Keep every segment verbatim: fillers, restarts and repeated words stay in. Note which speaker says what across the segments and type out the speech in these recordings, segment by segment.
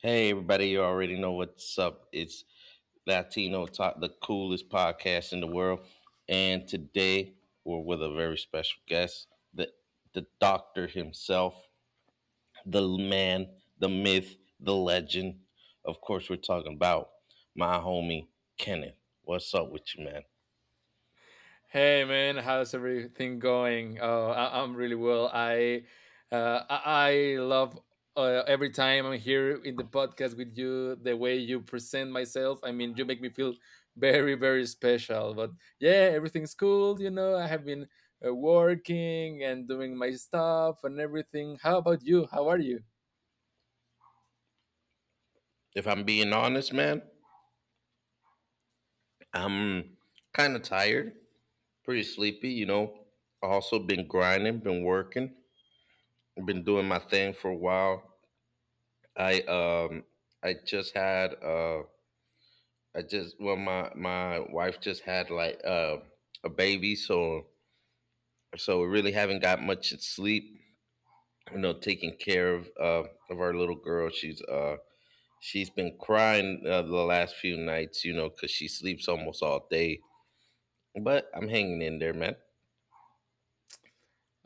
Speaker 1: Hey, everybody, you already know what's up. It's Latino Talk, the coolest podcast in the world. And today we're with a very special guest, the, the doctor himself, the man, the myth, the legend. Of course, we're talking about my homie, Kenneth. What's up with you, man?
Speaker 2: Hey man, how's everything going? Oh, I- I'm really well. I uh, I I love uh, every time I'm here in the podcast with you. The way you present myself, I mean, you make me feel very very special. But yeah, everything's cool. You know, I have been uh, working and doing my stuff and everything. How about you? How are you?
Speaker 1: If I'm being honest, man, I'm kind of tired, pretty sleepy, you know. Also, been grinding, been working, been doing my thing for a while. I um I just had uh I just, well my my wife just had, like uh a baby, so so we really haven't got much sleep, you know, taking care of uh of our little girl. She's uh she's been crying uh, the last few nights, you know, cuz she sleeps almost all day, but I'm hanging in there, man.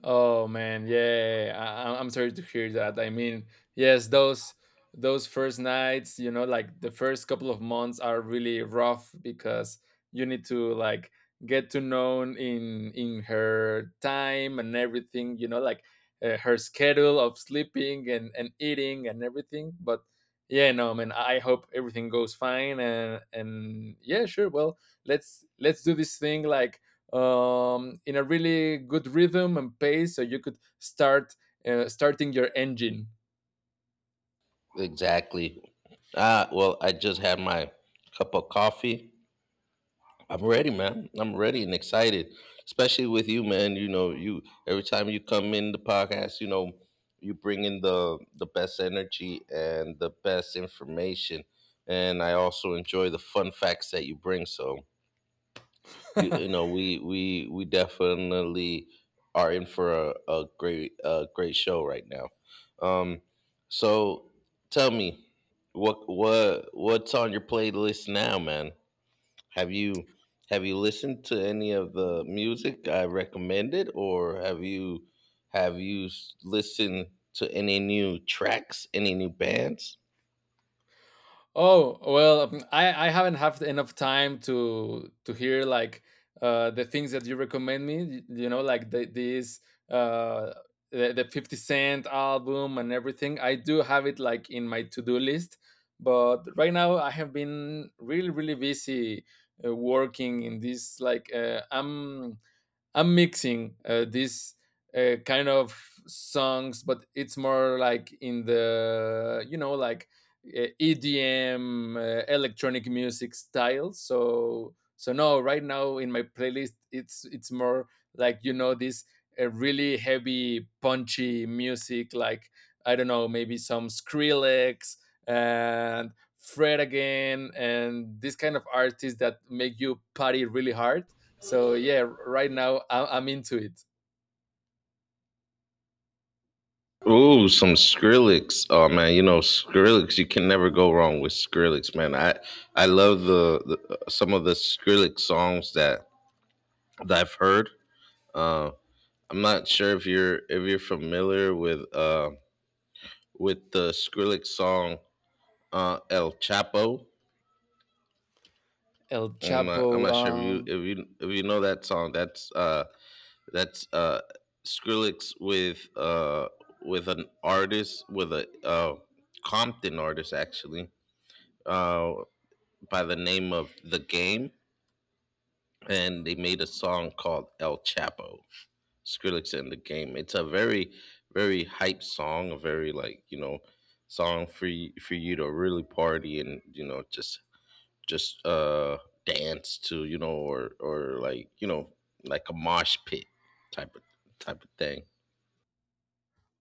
Speaker 2: Oh man, yeah, I, I- I'm sorry to hear that. I mean, yes, those those first nights, you know, like the first couple of months are really rough because you need to like get to know in in her time and everything, you know, like uh, her schedule of sleeping and and eating and everything. But yeah, no, man, I I hope everything goes fine and and yeah, sure. Well, let's let's do this thing like um, in a really good rhythm and pace, so you could start uh, starting your engine.
Speaker 1: Exactly. Ah, well, I just had my cup of coffee. I'm ready, man. I'm ready and excited, especially with you, man. You know, you every time you come in the podcast, you know, you bring in the the best energy and the best information, and I also enjoy the fun facts that you bring. So you you know, we we we definitely are in for a, a great a great show right now. Um, so tell me what what what's on your playlist now, man? Have you, have you listened to any of the music I recommended, or have you, have you s- listened to any new tracks, any new bands?
Speaker 2: Oh, well, mm, I, I haven't had enough time to to hear like uh, the things that you recommend me, y- you know, like the, these uh, the, the fifty Cent album and everything. I do have it like in my to-do list, but right now I have been really, really busy uh, working in this like uh, I'm I'm mixing uh, these uh, kind of songs, but it's more like in the you know like uh, E D M uh, electronic music style. So so no, right now in my playlist it's it's more like you know this uh, really heavy punchy music like I don't know, maybe some Skrillex and Fred again and this kind of artists that make you party really hard, so yeah, right now I- I'm into it.
Speaker 1: Ooh, some Skrillex. Oh man, you know Skrillex. You can never go wrong with Skrillex, man. I, I love the, the uh, some of the Skrillex songs that, that I've heard. Uh, I'm not sure if you're, if you're familiar with uh with the Skrillex song uh El Chapo.
Speaker 2: El
Speaker 1: I'm not,
Speaker 2: Chapo.
Speaker 1: I'm not sure if you,
Speaker 2: Um,
Speaker 1: if you if you know that song. That's uh that's uh Skrillex with uh with an artist with a, uh Compton artist, actually, uh by the name of The Game, and they made a song called El Chapo. Skrillex and The Game. It's a very, very hype song, a very, like, you know, song for you, for you to really party and, you know, just just uh dance to, you know, or or like, you know, like a mosh pit type of type of thing.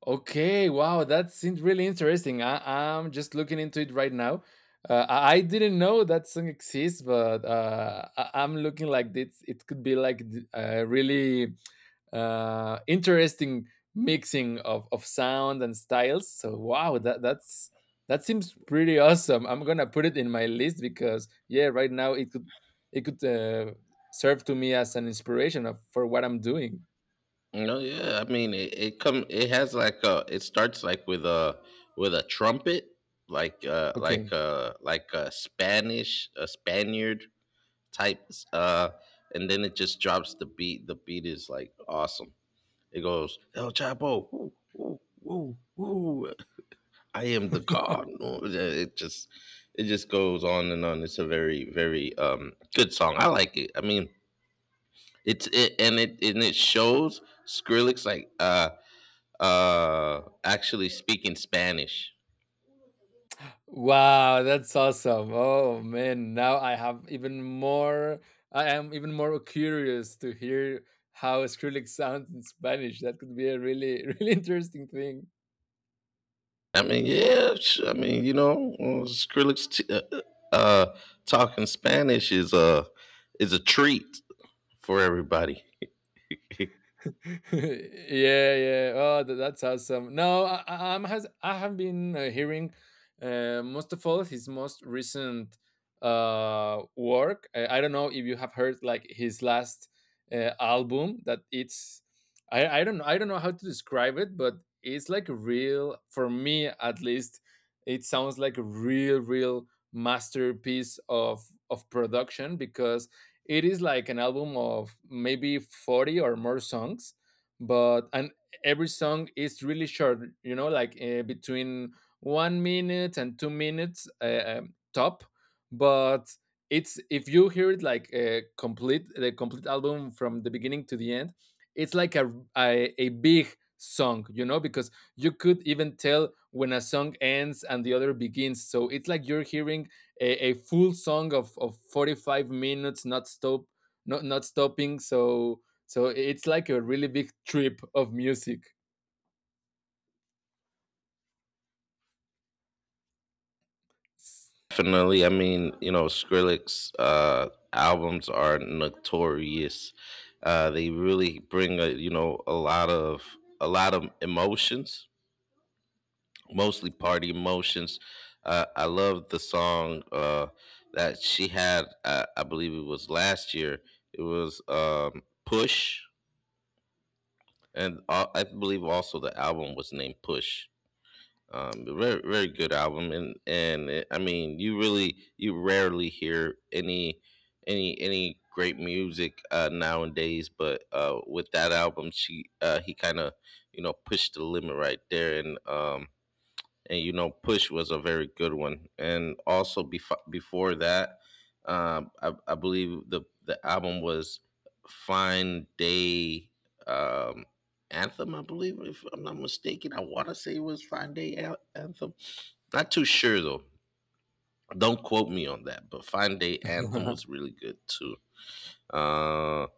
Speaker 2: Okay, wow, that seems really interesting. I, I'm just looking into it right now. Uh, I I didn't know that song exists, but uh, I, I'm looking like this. It could be like th- a really uh, interesting mixing of, of sound and styles. So wow, that that's that seems pretty awesome. I'm gonna put it in my list because yeah, right now it could it could uh, serve to me as an inspiration of, for what I'm doing.
Speaker 1: No, yeah, I mean, it, it, come it has like a, it starts like with a, with a trumpet, like uh like
Speaker 2: Okay.
Speaker 1: uh like a spanish a Spaniard type, uh and then it just drops the beat. The beat is like awesome. It goes, el Chapo, woo woo woo woo, I am the God. No, it just, it just goes on and on. It's a very, very um good song. I like it. I mean, it's it and it and it shows Skrillex, like uh uh actually speaking Spanish.
Speaker 2: Wow, that's awesome. Oh man, now I have even more, I am even more curious to hear how Skrillex sounds in Spanish. That could be a really really interesting thing.
Speaker 1: I mean, yeah. sh- I mean, you know, uh, Skrillex t- uh, uh talking Spanish is a, is a treat for everybody.
Speaker 2: yeah, yeah. Oh, that, that's awesome. No, I, I- I'm has I have been uh, hearing uh, most of all his most recent uh, work. I, I don't know if you have heard like his last uh, album that it's, I, I don't I don't know how to describe it, but it's like a real, for me at least. It sounds like a real, real masterpiece of of production because it is like an album of maybe forty or more songs, but and every song is really short, you know, like uh, between one minute and two minutes uh, um, top. But it's, if you hear it like uh, complete the complete album from the beginning to the end, it's like a, a a big song, you know, because you could even tell when a song ends and the other begins, so it's like you're hearing a, a full song of, of forty-five minutes not stop, not not stopping. So so it's like a really big trip of music.
Speaker 1: Definitely. I mean, you know, Skrillex uh, albums are notorious. Uh, they really bring a, you know, a lot of, a lot of emotions, mostly party emotions. Uh, I love the song uh, that she had. Uh, I believe it was last year. It was um, Push, and uh, I believe also the album was named Push. Um, very, very good album, and and it, I mean, you really, you rarely hear any any any great music uh, nowadays, but uh, with that album, she uh, he kind of, you know, pushed the limit right there, and um, and, you know, Push was a very good one. And also, before, before that, um I, I believe the, the album was Fine Day, um Anthem, I believe. If I'm not mistaken, I want to say it was Fine Day An- anthem. Not too sure, though. Don't quote me on that, but Fine Day Anthem was really good too. um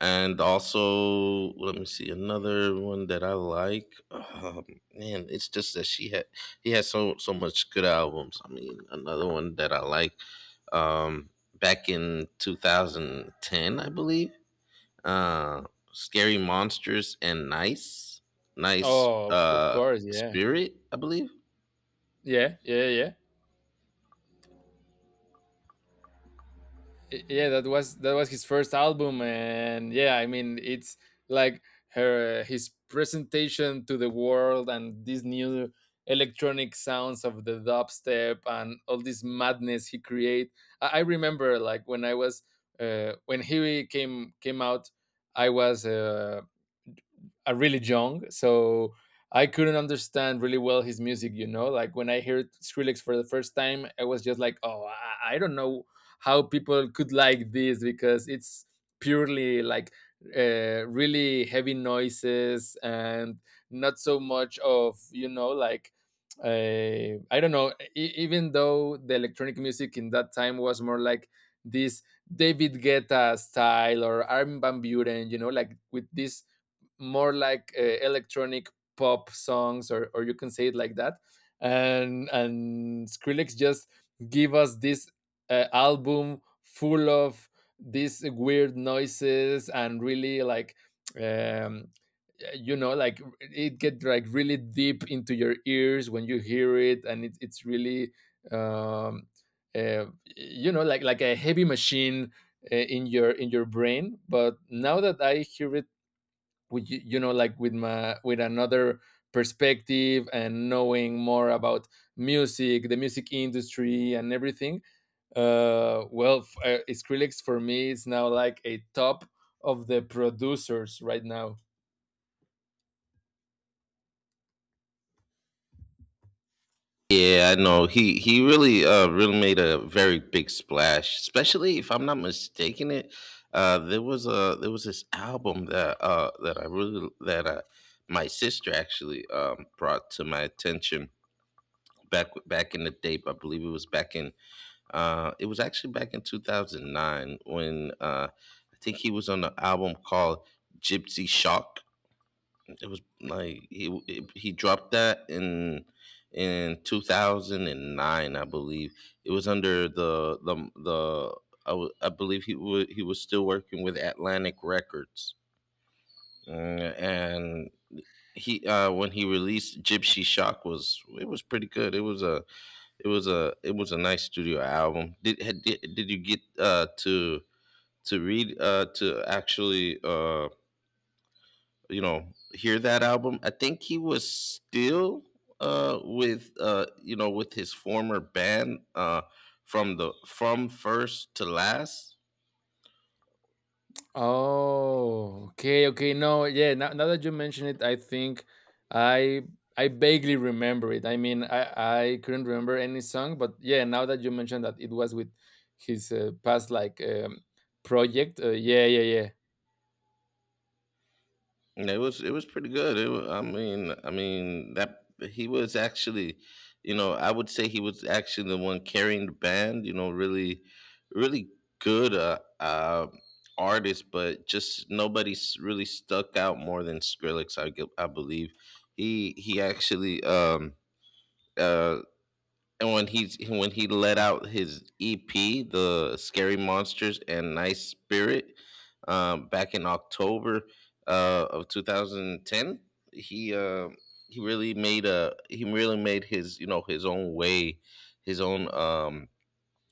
Speaker 1: and also, let me see, another one that I like. Um, man, it's just that she had he had so, so much good albums. I mean, another one that I like, um, back in twenty ten, I believe. Uh, Scary Monsters and Nice, Nice
Speaker 2: Oh, of of
Speaker 1: uh,
Speaker 2: course, yeah,
Speaker 1: Spirit, I believe.
Speaker 2: yeah, yeah, yeah, Y- yeah. That was that was his first album, and yeah, I mean, it's like her, his presentation to the world and these new electronic sounds of the dubstep and all this madness he create. I, I remember like when I was uh, when he came came out, I was uh, are really young, so I couldn't understand really well his music. You know, like when I heard Skrillex for the first time, I was just like, oh, I, I don't know how people could like this because it's purely like uh, really heavy noises and not so much of you know like uh, I don't know. E- even though the electronic music in that time was more like this David Guetta style or Armin van Buren, you know, like with this more like uh, electronic pop songs, or or you can say it like that. And and Skrillex just give us this uh, album full of these weird noises and really like um you know like it get like really deep into your ears when you hear it and it, it's really um uh, you know like like a heavy machine uh, in your in your brain, but now that I hear it with y- you know like with my with another perspective, and knowing more about music, the music industry and everything, uh well f- uh, Skrillex for me is now like a top of the producers right now.
Speaker 1: Yeah, I know. He he really, uh really made a very big splash. Especially, if I'm not mistaken, it, uh there was a, there was this album that uh that I really, that uh my sister actually um brought to my attention back back in the day. I believe it was back in, uh it was actually back in two thousand nine, when, uh I think he was on an album called Gypsy Shock. It was like he it- he dropped that in in two thousand nine, I believe. It was under the the the, I, w- I believe he was, he was still working with Atlantic Records. Mm, and he uh, when he released Gypsy Shock, was, it was pretty good. It was a, it was a it was a nice studio album. Did had, did, did you get uh, to to read uh, to actually? Uh. you know, hear that album? I think he was still uh with, uh you know, with his former band, uh from the from First to Last.
Speaker 2: Oh, okay, okay. No, yeah. Now, now that you mention it, I think I I vaguely remember it. I mean, I I couldn't remember any song, but yeah. Now that you mentioned that it was with his uh, past like um, project, uh, yeah, yeah, yeah,
Speaker 1: And it was, it was pretty good. it, wa- I mean, i mean that he was actually, you know, I would say he was actually the one carrying the band. You know, really, really good uh, uh artist, but just nobody's really stuck out more than Skrillex. i, gu- I believe he he actually um uh, and when he when he let out his E P, the Scary Monsters and Nice Spirit, um, back in October uh, of twenty ten, he uh, he really made a, he really made his, you know, his own way, his own, um,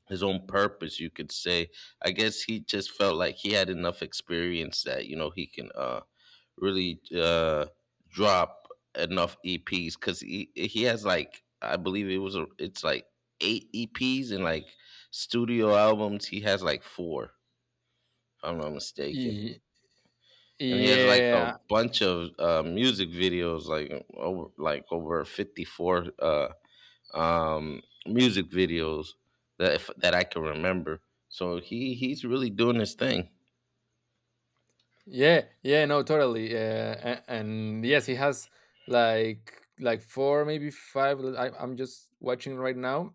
Speaker 1: his own purpose, you could say. I guess he just felt like he had enough experience that, you know, he can. Uh, really uh drop enough E Ps, because he he has like, I believe it was a, it's like eight E Ps, and like studio albums, he has like four, if I'm not mistaken,
Speaker 2: Ye-
Speaker 1: and he has like a
Speaker 2: yeah,
Speaker 1: bunch of uh, music videos, like over like over fifty four uh, um, music videos that, if, that I can remember. So he he's really doing his thing.
Speaker 2: yeah, yeah. No, totally. Uh, and, and yes, he has like like four, maybe five. l- I, I'm just watching right now,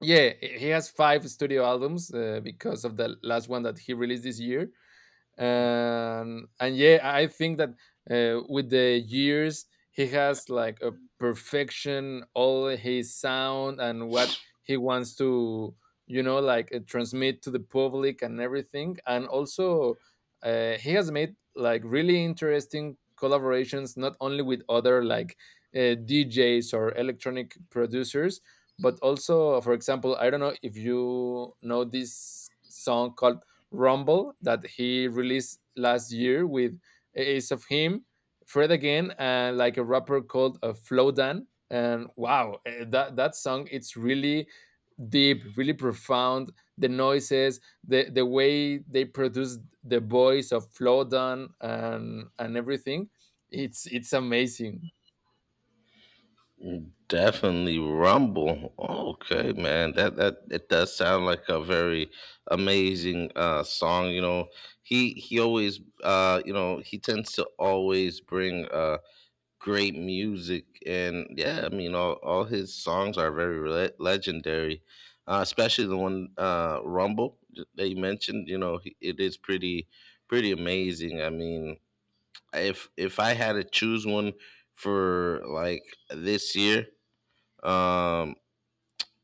Speaker 2: yeah, he has five studio albums uh, because of the last one that he released this year, and and yeah I think that uh, with the years he has like a perfection all his sound and what he wants to you know like uh, transmit to the public and everything, and also uh, he has made like really interesting collaborations not only with other like uh, djs or electronic producers, but also for example I don't know if you know this song called Rumble that he released last year with Ace of Him, Fred Again, and uh, like a rapper called uh, Flowdan. And wow, eh, that, that song, it's really deep, really profound. The noises, the, the way they produce the voice of Flowdan and, and everything, it's, it's amazing.
Speaker 1: Definitely Rumble. Okay, man. That that it does sound like a very amazing uh song, you know. He he always, uh you know, he tends to always bring uh great music, and yeah, I mean, all, all his songs are very le- legendary. Uh especially the one, uh Rumble, that you mentioned, you know, he- it is pretty, pretty amazing. I mean, if, if I had to choose one for, like, this year, um,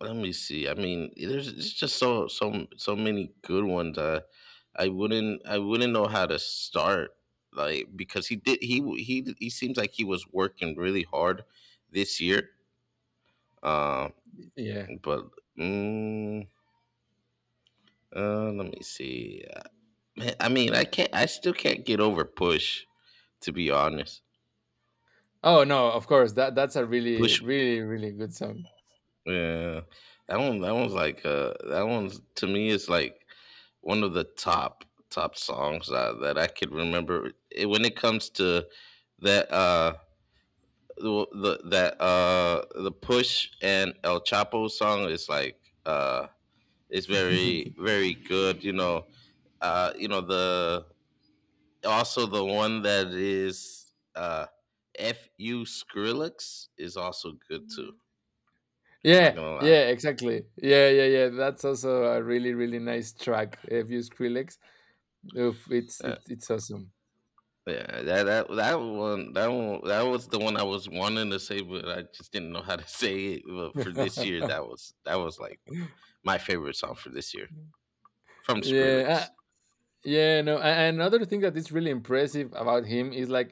Speaker 1: let me see. I mean, there's, it's just so so so many good ones. I, I wouldn't I wouldn't know how to start, like, because he did he he he seems like he was working really hard this year. Um,
Speaker 2: Yeah.
Speaker 1: but mm, uh, let me see. Uh, man, I mean, I can't. I still can't get over Push. To be honest,
Speaker 2: Oh no, of course, that, that's a really,
Speaker 1: Push.
Speaker 2: really, really good song.
Speaker 1: Yeah, that one. That one's like. Uh, that one's, to me, is like one of the top top songs uh, that I could remember it, when it comes to that uh the, the that uh the Push and El Chapo song is like, uh is very, very good, you know. Uh you know, the also the one that is, uh F U Skrillex, is also good too. I'm not
Speaker 2: Yeah,
Speaker 1: gonna lie.
Speaker 2: yeah, exactly. Yeah, yeah, yeah. That's also a really, really nice track. Have you Skrillex? Oof, it's
Speaker 1: Yeah.
Speaker 2: it's it's awesome.
Speaker 1: Yeah, that that that one, that one that was the one I was wanting to say, but I just didn't know how to say it. But for this year, that was that was like my favorite song for this year from
Speaker 2: yeah, uh,
Speaker 1: Skrillex.
Speaker 2: Yeah, no. a- And another thing that is really impressive about him is like,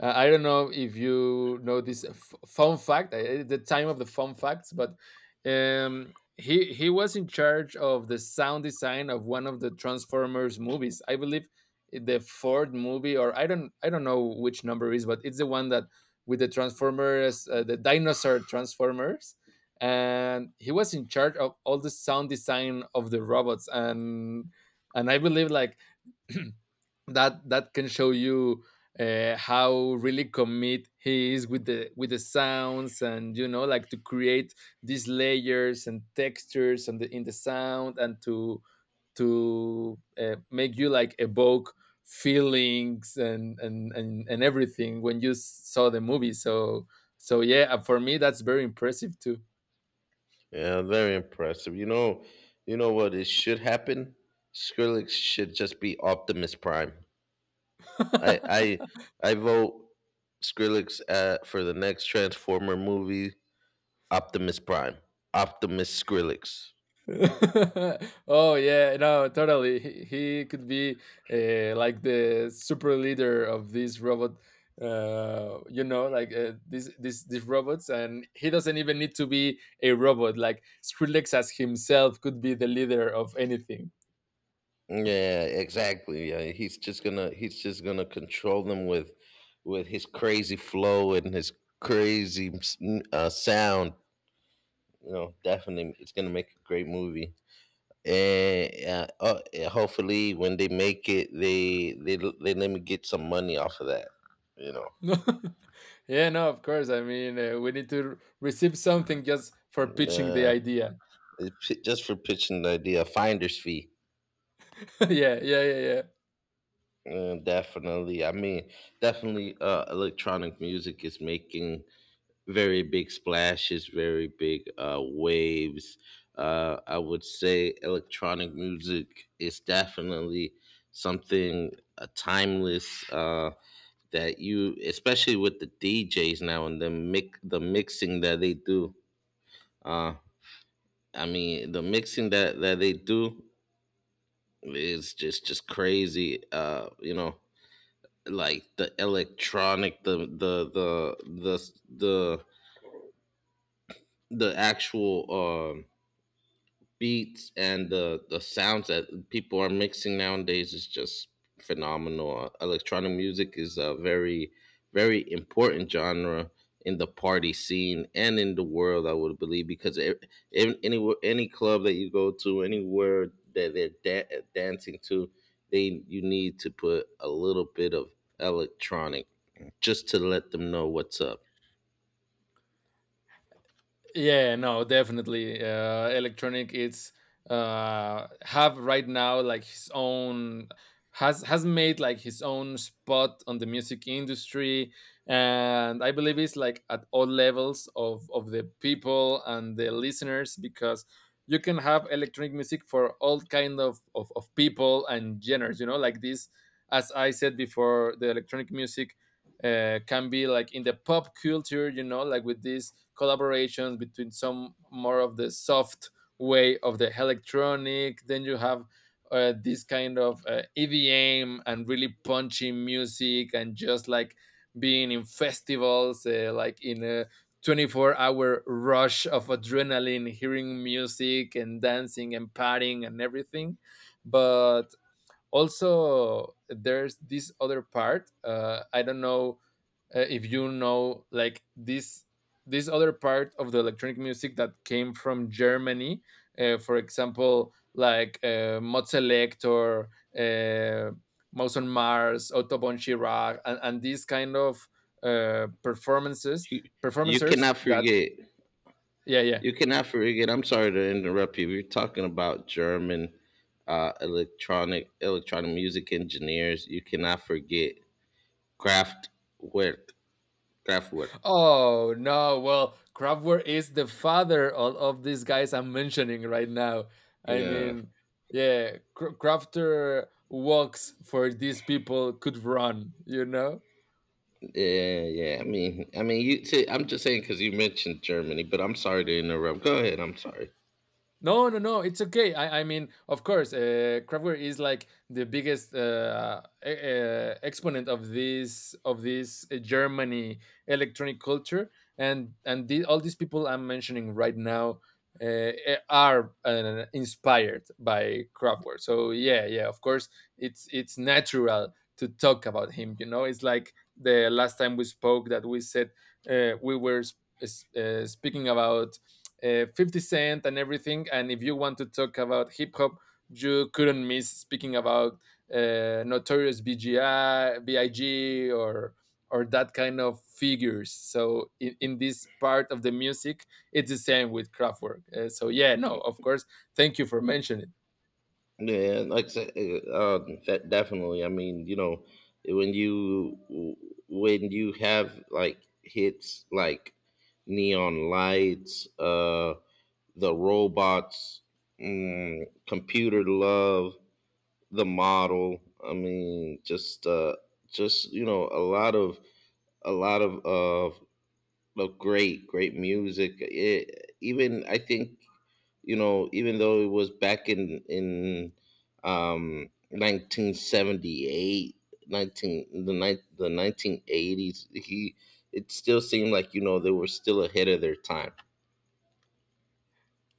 Speaker 2: uh, I don't know if you know this f- fun fact, uh, it's the time of the fun facts, but um, he he was in charge of the sound design of one of the Transformers movies. I believe i- the fourth movie, or I don't I don't know which number it is, but it's the one that with the Transformers, uh, the dinosaur Transformers. And he was in charge of all the sound design of the robots, and and I believe like that that can show you uh, how really commit he is with the with the sounds, and you know like to create these layers and textures and the, in the sound, and to to uh, make you like evoke feelings, and, and and and everything when you s- saw the movie. So so yeah, uh, for me that's very impressive too.
Speaker 1: Yeah, very impressive. You know, you know what? It should happen. Skrillex should just be Optimus Prime. I I I vote Skrillex uh, for the next Transformer movie. Optimus Prime. Optimus Skrillex.
Speaker 2: oh yeah, no, totally. He, he could be uh, like the super leader of this robot. Uh, you know, like uh, these these these robots, and he doesn't even need to be a robot. Like Skrillex as himself could be the leader of anything.
Speaker 1: Yeah, exactly. Yeah, he's just gonna he's just gonna control them with with his crazy flow and his crazy s- m- uh, sound. You know, definitely, it's gonna make a great movie. And uh, uh, uh, hopefully, when they make it, they they l- they let me get some money off of that. You know,
Speaker 2: No. yeah, no, of course. I mean, uh, we need to receive something just for
Speaker 1: and,
Speaker 2: pitching the
Speaker 1: uh,
Speaker 2: idea.
Speaker 1: it, j- just for pitching the idea, finder's fee.
Speaker 2: yeah, yeah, yeah, yeah.
Speaker 1: Uh, definitely, I mean, definitely, uh, electronic music is making very big splashes, very big uh, waves. Uh, I would say electronic music is definitely something uh, timeless, uh, that you, especially with the D Js now and the mix, the mixing that they do. Uh, I mean, the mixing that that they do is just just crazy. Uh, you know, like the electronic, the the the the the the actual um, beats and the the sounds that people are mixing nowadays is just phenomenal. Uh, Electronic music is a very very important genre in the party scene and in the world, I would believe, because e- in any any club that you go to, anywhere that they're da- dancing to, they you need to put a little bit of electronic just to let them know what's up.
Speaker 2: Yeah, no, definitely. Uh, electronic, it's uh, have right now like his own, has has made like his own spot on the music industry, and I believe it's like at all levels of of the people and the listeners, because you can have electronic music for all kind of of, of people and genres. You know, like this, as I said before, the electronic music uh, can be like in the pop culture, you know, like with these collaborations between some more of the soft way of the electronic. Then you have uh, this kind of uh, E V M and really punchy music and just like being in festivals, uh, like in a twenty-four hour rush of adrenaline, hearing music and dancing and partying and everything. But also, there's this other part. Uh, I don't know uh, if you know like this this other part of the electronic music that came from Germany, uh, for example, like uh, Mod Select or uh, Mouse on Mars, Otto von Chirac, and, and these kind of uh, performances,
Speaker 1: You you
Speaker 2: performancers
Speaker 1: cannot
Speaker 2: that,
Speaker 1: forget.
Speaker 2: yeah, yeah,
Speaker 1: You cannot forget. I'm sorry to interrupt you. We're talking about German uh, electronic electronic music engineers. You cannot forget Kraftwerk. Kraftwerk.
Speaker 2: Oh no, well, Kraftwerk is the father of, of these guys I'm mentioning right now. I
Speaker 1: Yeah,
Speaker 2: mean, yeah, Kr- Crafter walks for these people could run, you know?
Speaker 1: yeah, yeah. I mean, I mean, you. See, I'm just saying because you mentioned Germany, but I'm sorry to interrupt. Go ahead. I'm sorry.
Speaker 2: No, no, no. It's okay. I, I mean, of course, uh, Kraftwerk is like the biggest uh, e- uh, exponent of this of this uh, Germany electronic culture, and and the, all these people I'm mentioning right now uh, eh, are uh, inspired by Kraftwerk. So yeah, yeah. Of course, it's it's natural to talk about him. You know, it's like the last time we spoke that we said uh, we were sp- s- uh, speaking about uh, fifty Cent and everything. And if you want to talk about hip hop, you couldn't miss speaking about uh, notorious B G I BIG, or or that kind of figures. So in, in this part of the music, it's the same with Kraftwerk. Uh, so yeah, no, of course. Thank you for mentioning.
Speaker 1: Yeah, like I said, uh, um, that definitely. I mean, you know, when you when you have like hits like neon lights, uh the robots, mm, computer love, the model. I mean, just uh, just you know, a lot of a lot of of of great great music. It, even I think, you know, even though it was back in in um, nineteen seventy eight, nineteen the ni- the nineteen eighties, he, it still seemed like, you know, they were still ahead of their time.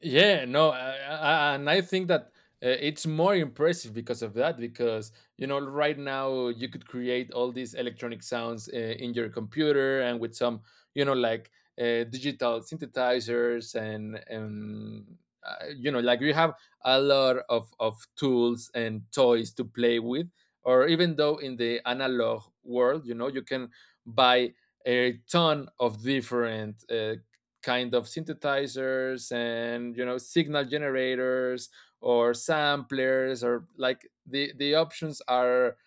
Speaker 2: Yeah, no, I, I, and I think that uh, it's more impressive because of that. Because you know, right now you could create all these electronic sounds uh, in your computer and with some, you know, like uh, digital synthesizers and and uh, you know, like you have a lot of of tools and toys to play with. Or even though in the analog world, you know, you can buy a ton of different uh, kind of synthesizers, and you know, signal generators or samplers, or like the the options are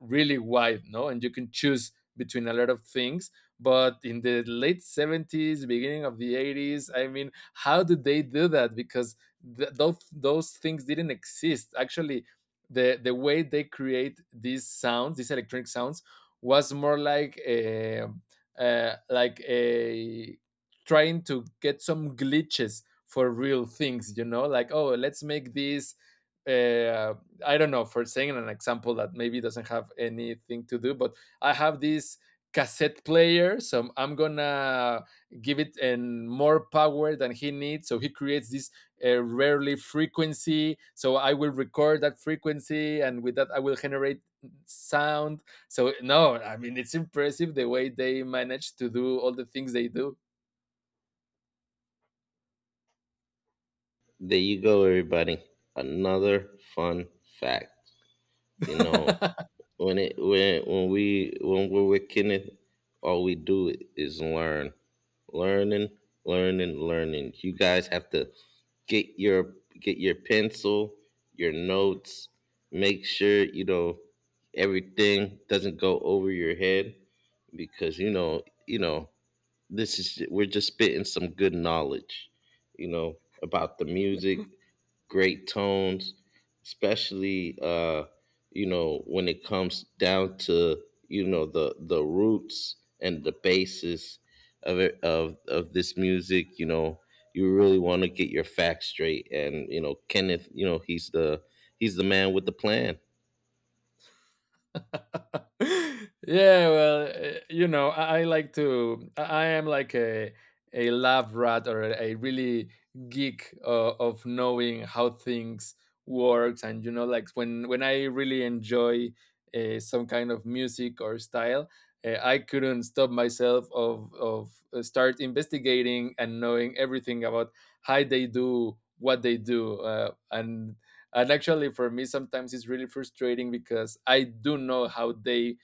Speaker 2: really wide, no? And you can choose between a lot of things. But in the late seventies, beginning of the eighties, I mean, how did they do that? Because th- those, those things didn't exist. Actually, the, the way they create these sounds, these electronic sounds, was more like a, uh, like a trying to get some glitches for real things, you know, like, oh, let's make this uh, I don't know, for saying an example that maybe doesn't have anything to do, but I have this cassette player, so I'm gonna give it an more power than he needs. So he creates this uh, rarely frequency. So I will record that frequency, and with that, I will generate sound. So no, I mean, it's impressive the way they manage to do all the things they do.
Speaker 1: There you go, everybody. Another fun fact. You know, when it when when we when we're with Kenneth, all we do is learn, learning, learning, learning. You guys have to get your get your pencil, your notes. Make sure you know everything doesn't go over your head because you know you know this is, we're just spitting some good knowledge, you know, about the music, great tones, especially uh, you know, when it comes down to, you know, the the roots and the basis of it, of of this music. You know, you really want to get your facts straight. And you know, Kenneth, you know, he's the he's the man with the plan.
Speaker 2: Yeah, well, eh, you know, I, I like to. I I am like a a lab rat or a really geek uh, of knowing how things works, and you know, like when when I really enjoy uh, some kind of music or style. eh, I couldn't stop myself of of uh, start investigating and knowing everything about how they do what they do, uh, and and actually for me sometimes it's really frustrating because I do know how they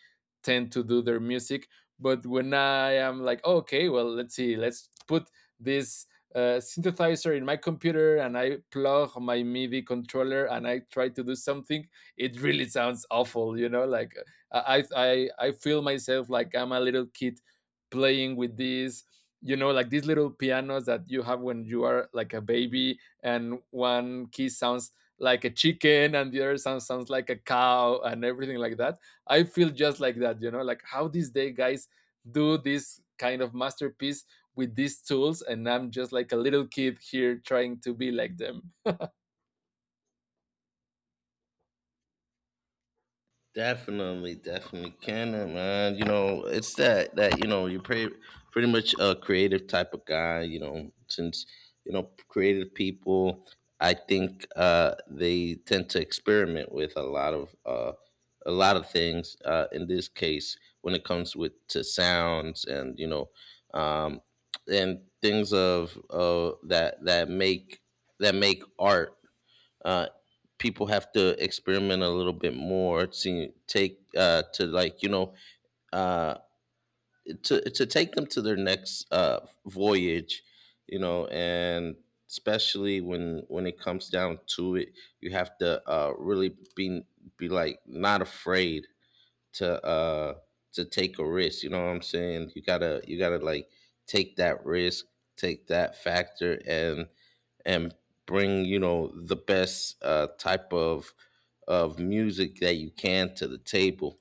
Speaker 2: tend to do their music, but when I am like, "Oh, okay, well, let's see, let's put this uh, synthesizer in my computer and I plug my midi controller and I try to do something, it really sounds awful. You know, like uh, i i i feel myself like I'm a little kid playing with these, you know, like these little pianos that you have when you are like a baby, and one key sounds like a chicken and the other sound sounds like a cow and everything like that. I feel just like that. You know, like how these day guys do this kind of masterpiece with these tools, and I'm just like a little kid here trying to be like them.
Speaker 1: Definitely, definitely can it, man. You know, it's that that you know, you're pretty pretty much a creative type of guy. You know, since, you know, creative people, I think uh, they tend to experiment with a lot of uh, a lot of things. Uh, in this case, when it comes with to sounds and, you know, um, and things of uh, that that make that make art, uh, people have to experiment a little bit more to take uh, to, like, you know, uh, to to take them to their next uh, voyage, you know, and especially when when it comes down to it, you have to uh, really be be like not afraid to uh to take a risk. You know what I'm saying? You gotta you gotta like take that risk, take that factor, and and bring, you know, the best uh type of of music that you can to the table.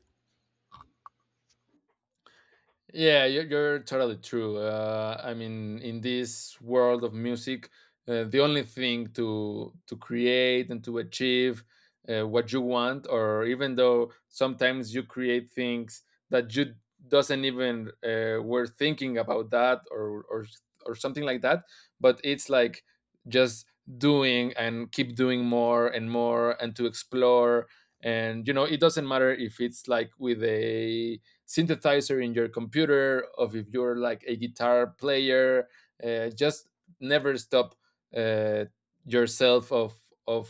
Speaker 2: Yeah, you're, you're totally true. Uh, I mean, in this world of music, uh, the only thing to to create and to achieve uh, what you want, or even though sometimes you create things that you doesn't even uh, were thinking about that or or or something like that, but it's like just doing and keep doing more and more and to explore, and you know, it doesn't matter if it's like with a synthesizer in your computer, of if you're like a guitar player, uh, just never stop uh, yourself of of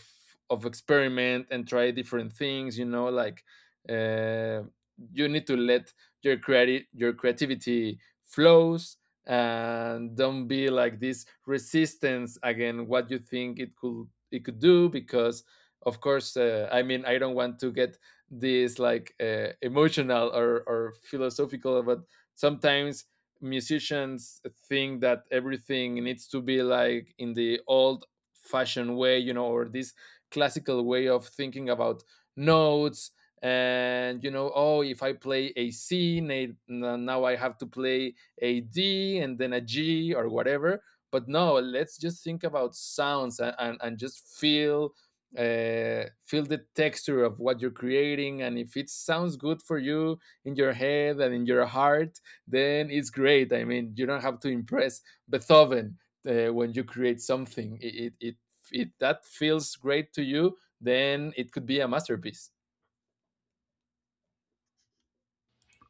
Speaker 2: of experiment and try different things. You know, like uh, you need to let your creati- your creativity flows and don't be like this resistance again what you think it could, it could do. Because of course uh, I mean, I don't want to get this like uh, emotional or, or philosophical, but sometimes musicians think that everything needs to be like in the old fashioned way, you know, or this classical way of thinking about notes. And you know, oh, if I play a c na- n- now, I have to play a d and then a g or whatever. But no, let's just think about sounds and, and, and just feel uh, feel the texture of what you're creating. And if it sounds good for you in your head and in your heart, then it's great. I mean, you don't have to impress Beethoven. Uh, when you create something it, it, it that feels great to you, then it could be a masterpiece.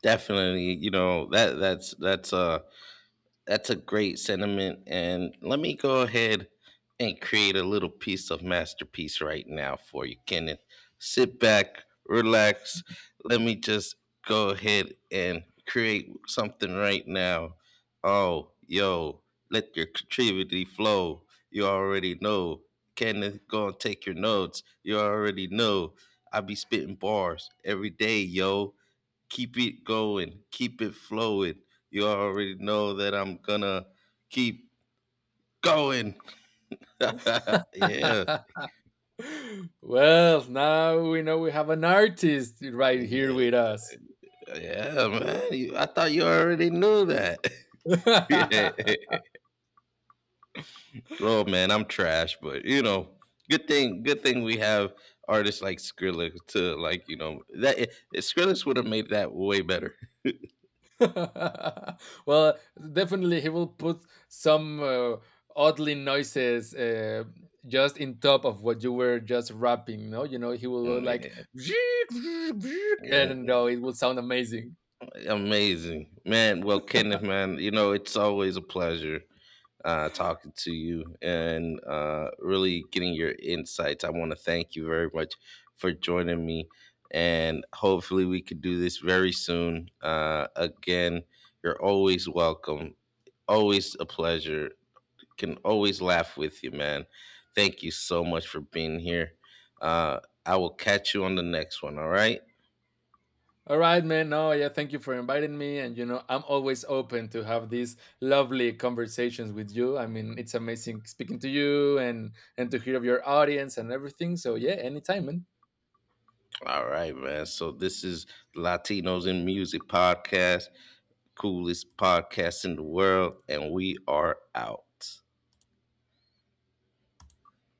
Speaker 1: Definitely, you know, that that's that's uh that's a great sentiment. And let me go ahead and create a little piece of masterpiece right now for you, Kenneth. Sit back, relax. Let me just go ahead and create something right now. Oh, yo, let your creativity flow. You already know. Kenneth, go and take your notes. You already know. I be spitting bars every day, yo, keep it going, keep it flowing. You already know that I'm gonna keep going. Yeah,
Speaker 2: Well, now we know we have an artist right here with us.
Speaker 1: yeah, man. You- I thought you already knew that. Yeah. Oh man, I'm trash, but you know, good thing, good thing we have artists like Skrillex to, like, you know, that eh, Skrillex would have made that way better.
Speaker 2: Well, definitely he will put some uh, oddly noises, uh, just in top of what you were just rapping. No, you know, he will go like
Speaker 1: Yeah. Mm,
Speaker 2: and no, it
Speaker 1: mm.
Speaker 2: will sound amazing.
Speaker 1: Amazing, man. Well, Kenneth, man, you know, it's always a pleasure uh, talking to you and uh, really getting your insights. I want to thank you very much for joining me, and hopefully we could do this very soon. Uh, again, you're always welcome. Always a pleasure. Can always laugh with you, man. Thank you so much for being here. Uh, I will catch you on the next one. All right.
Speaker 2: All right, man. No, yeah, thank you for inviting me, and you know, I'm always open to have these lovely conversations with you. I mean, it's amazing speaking to you and and to hear of your audience and everything. So yeah, anytime, man.
Speaker 1: All right, man. So this is Latinos in Music podcast, coolest podcast in the world, and we are out.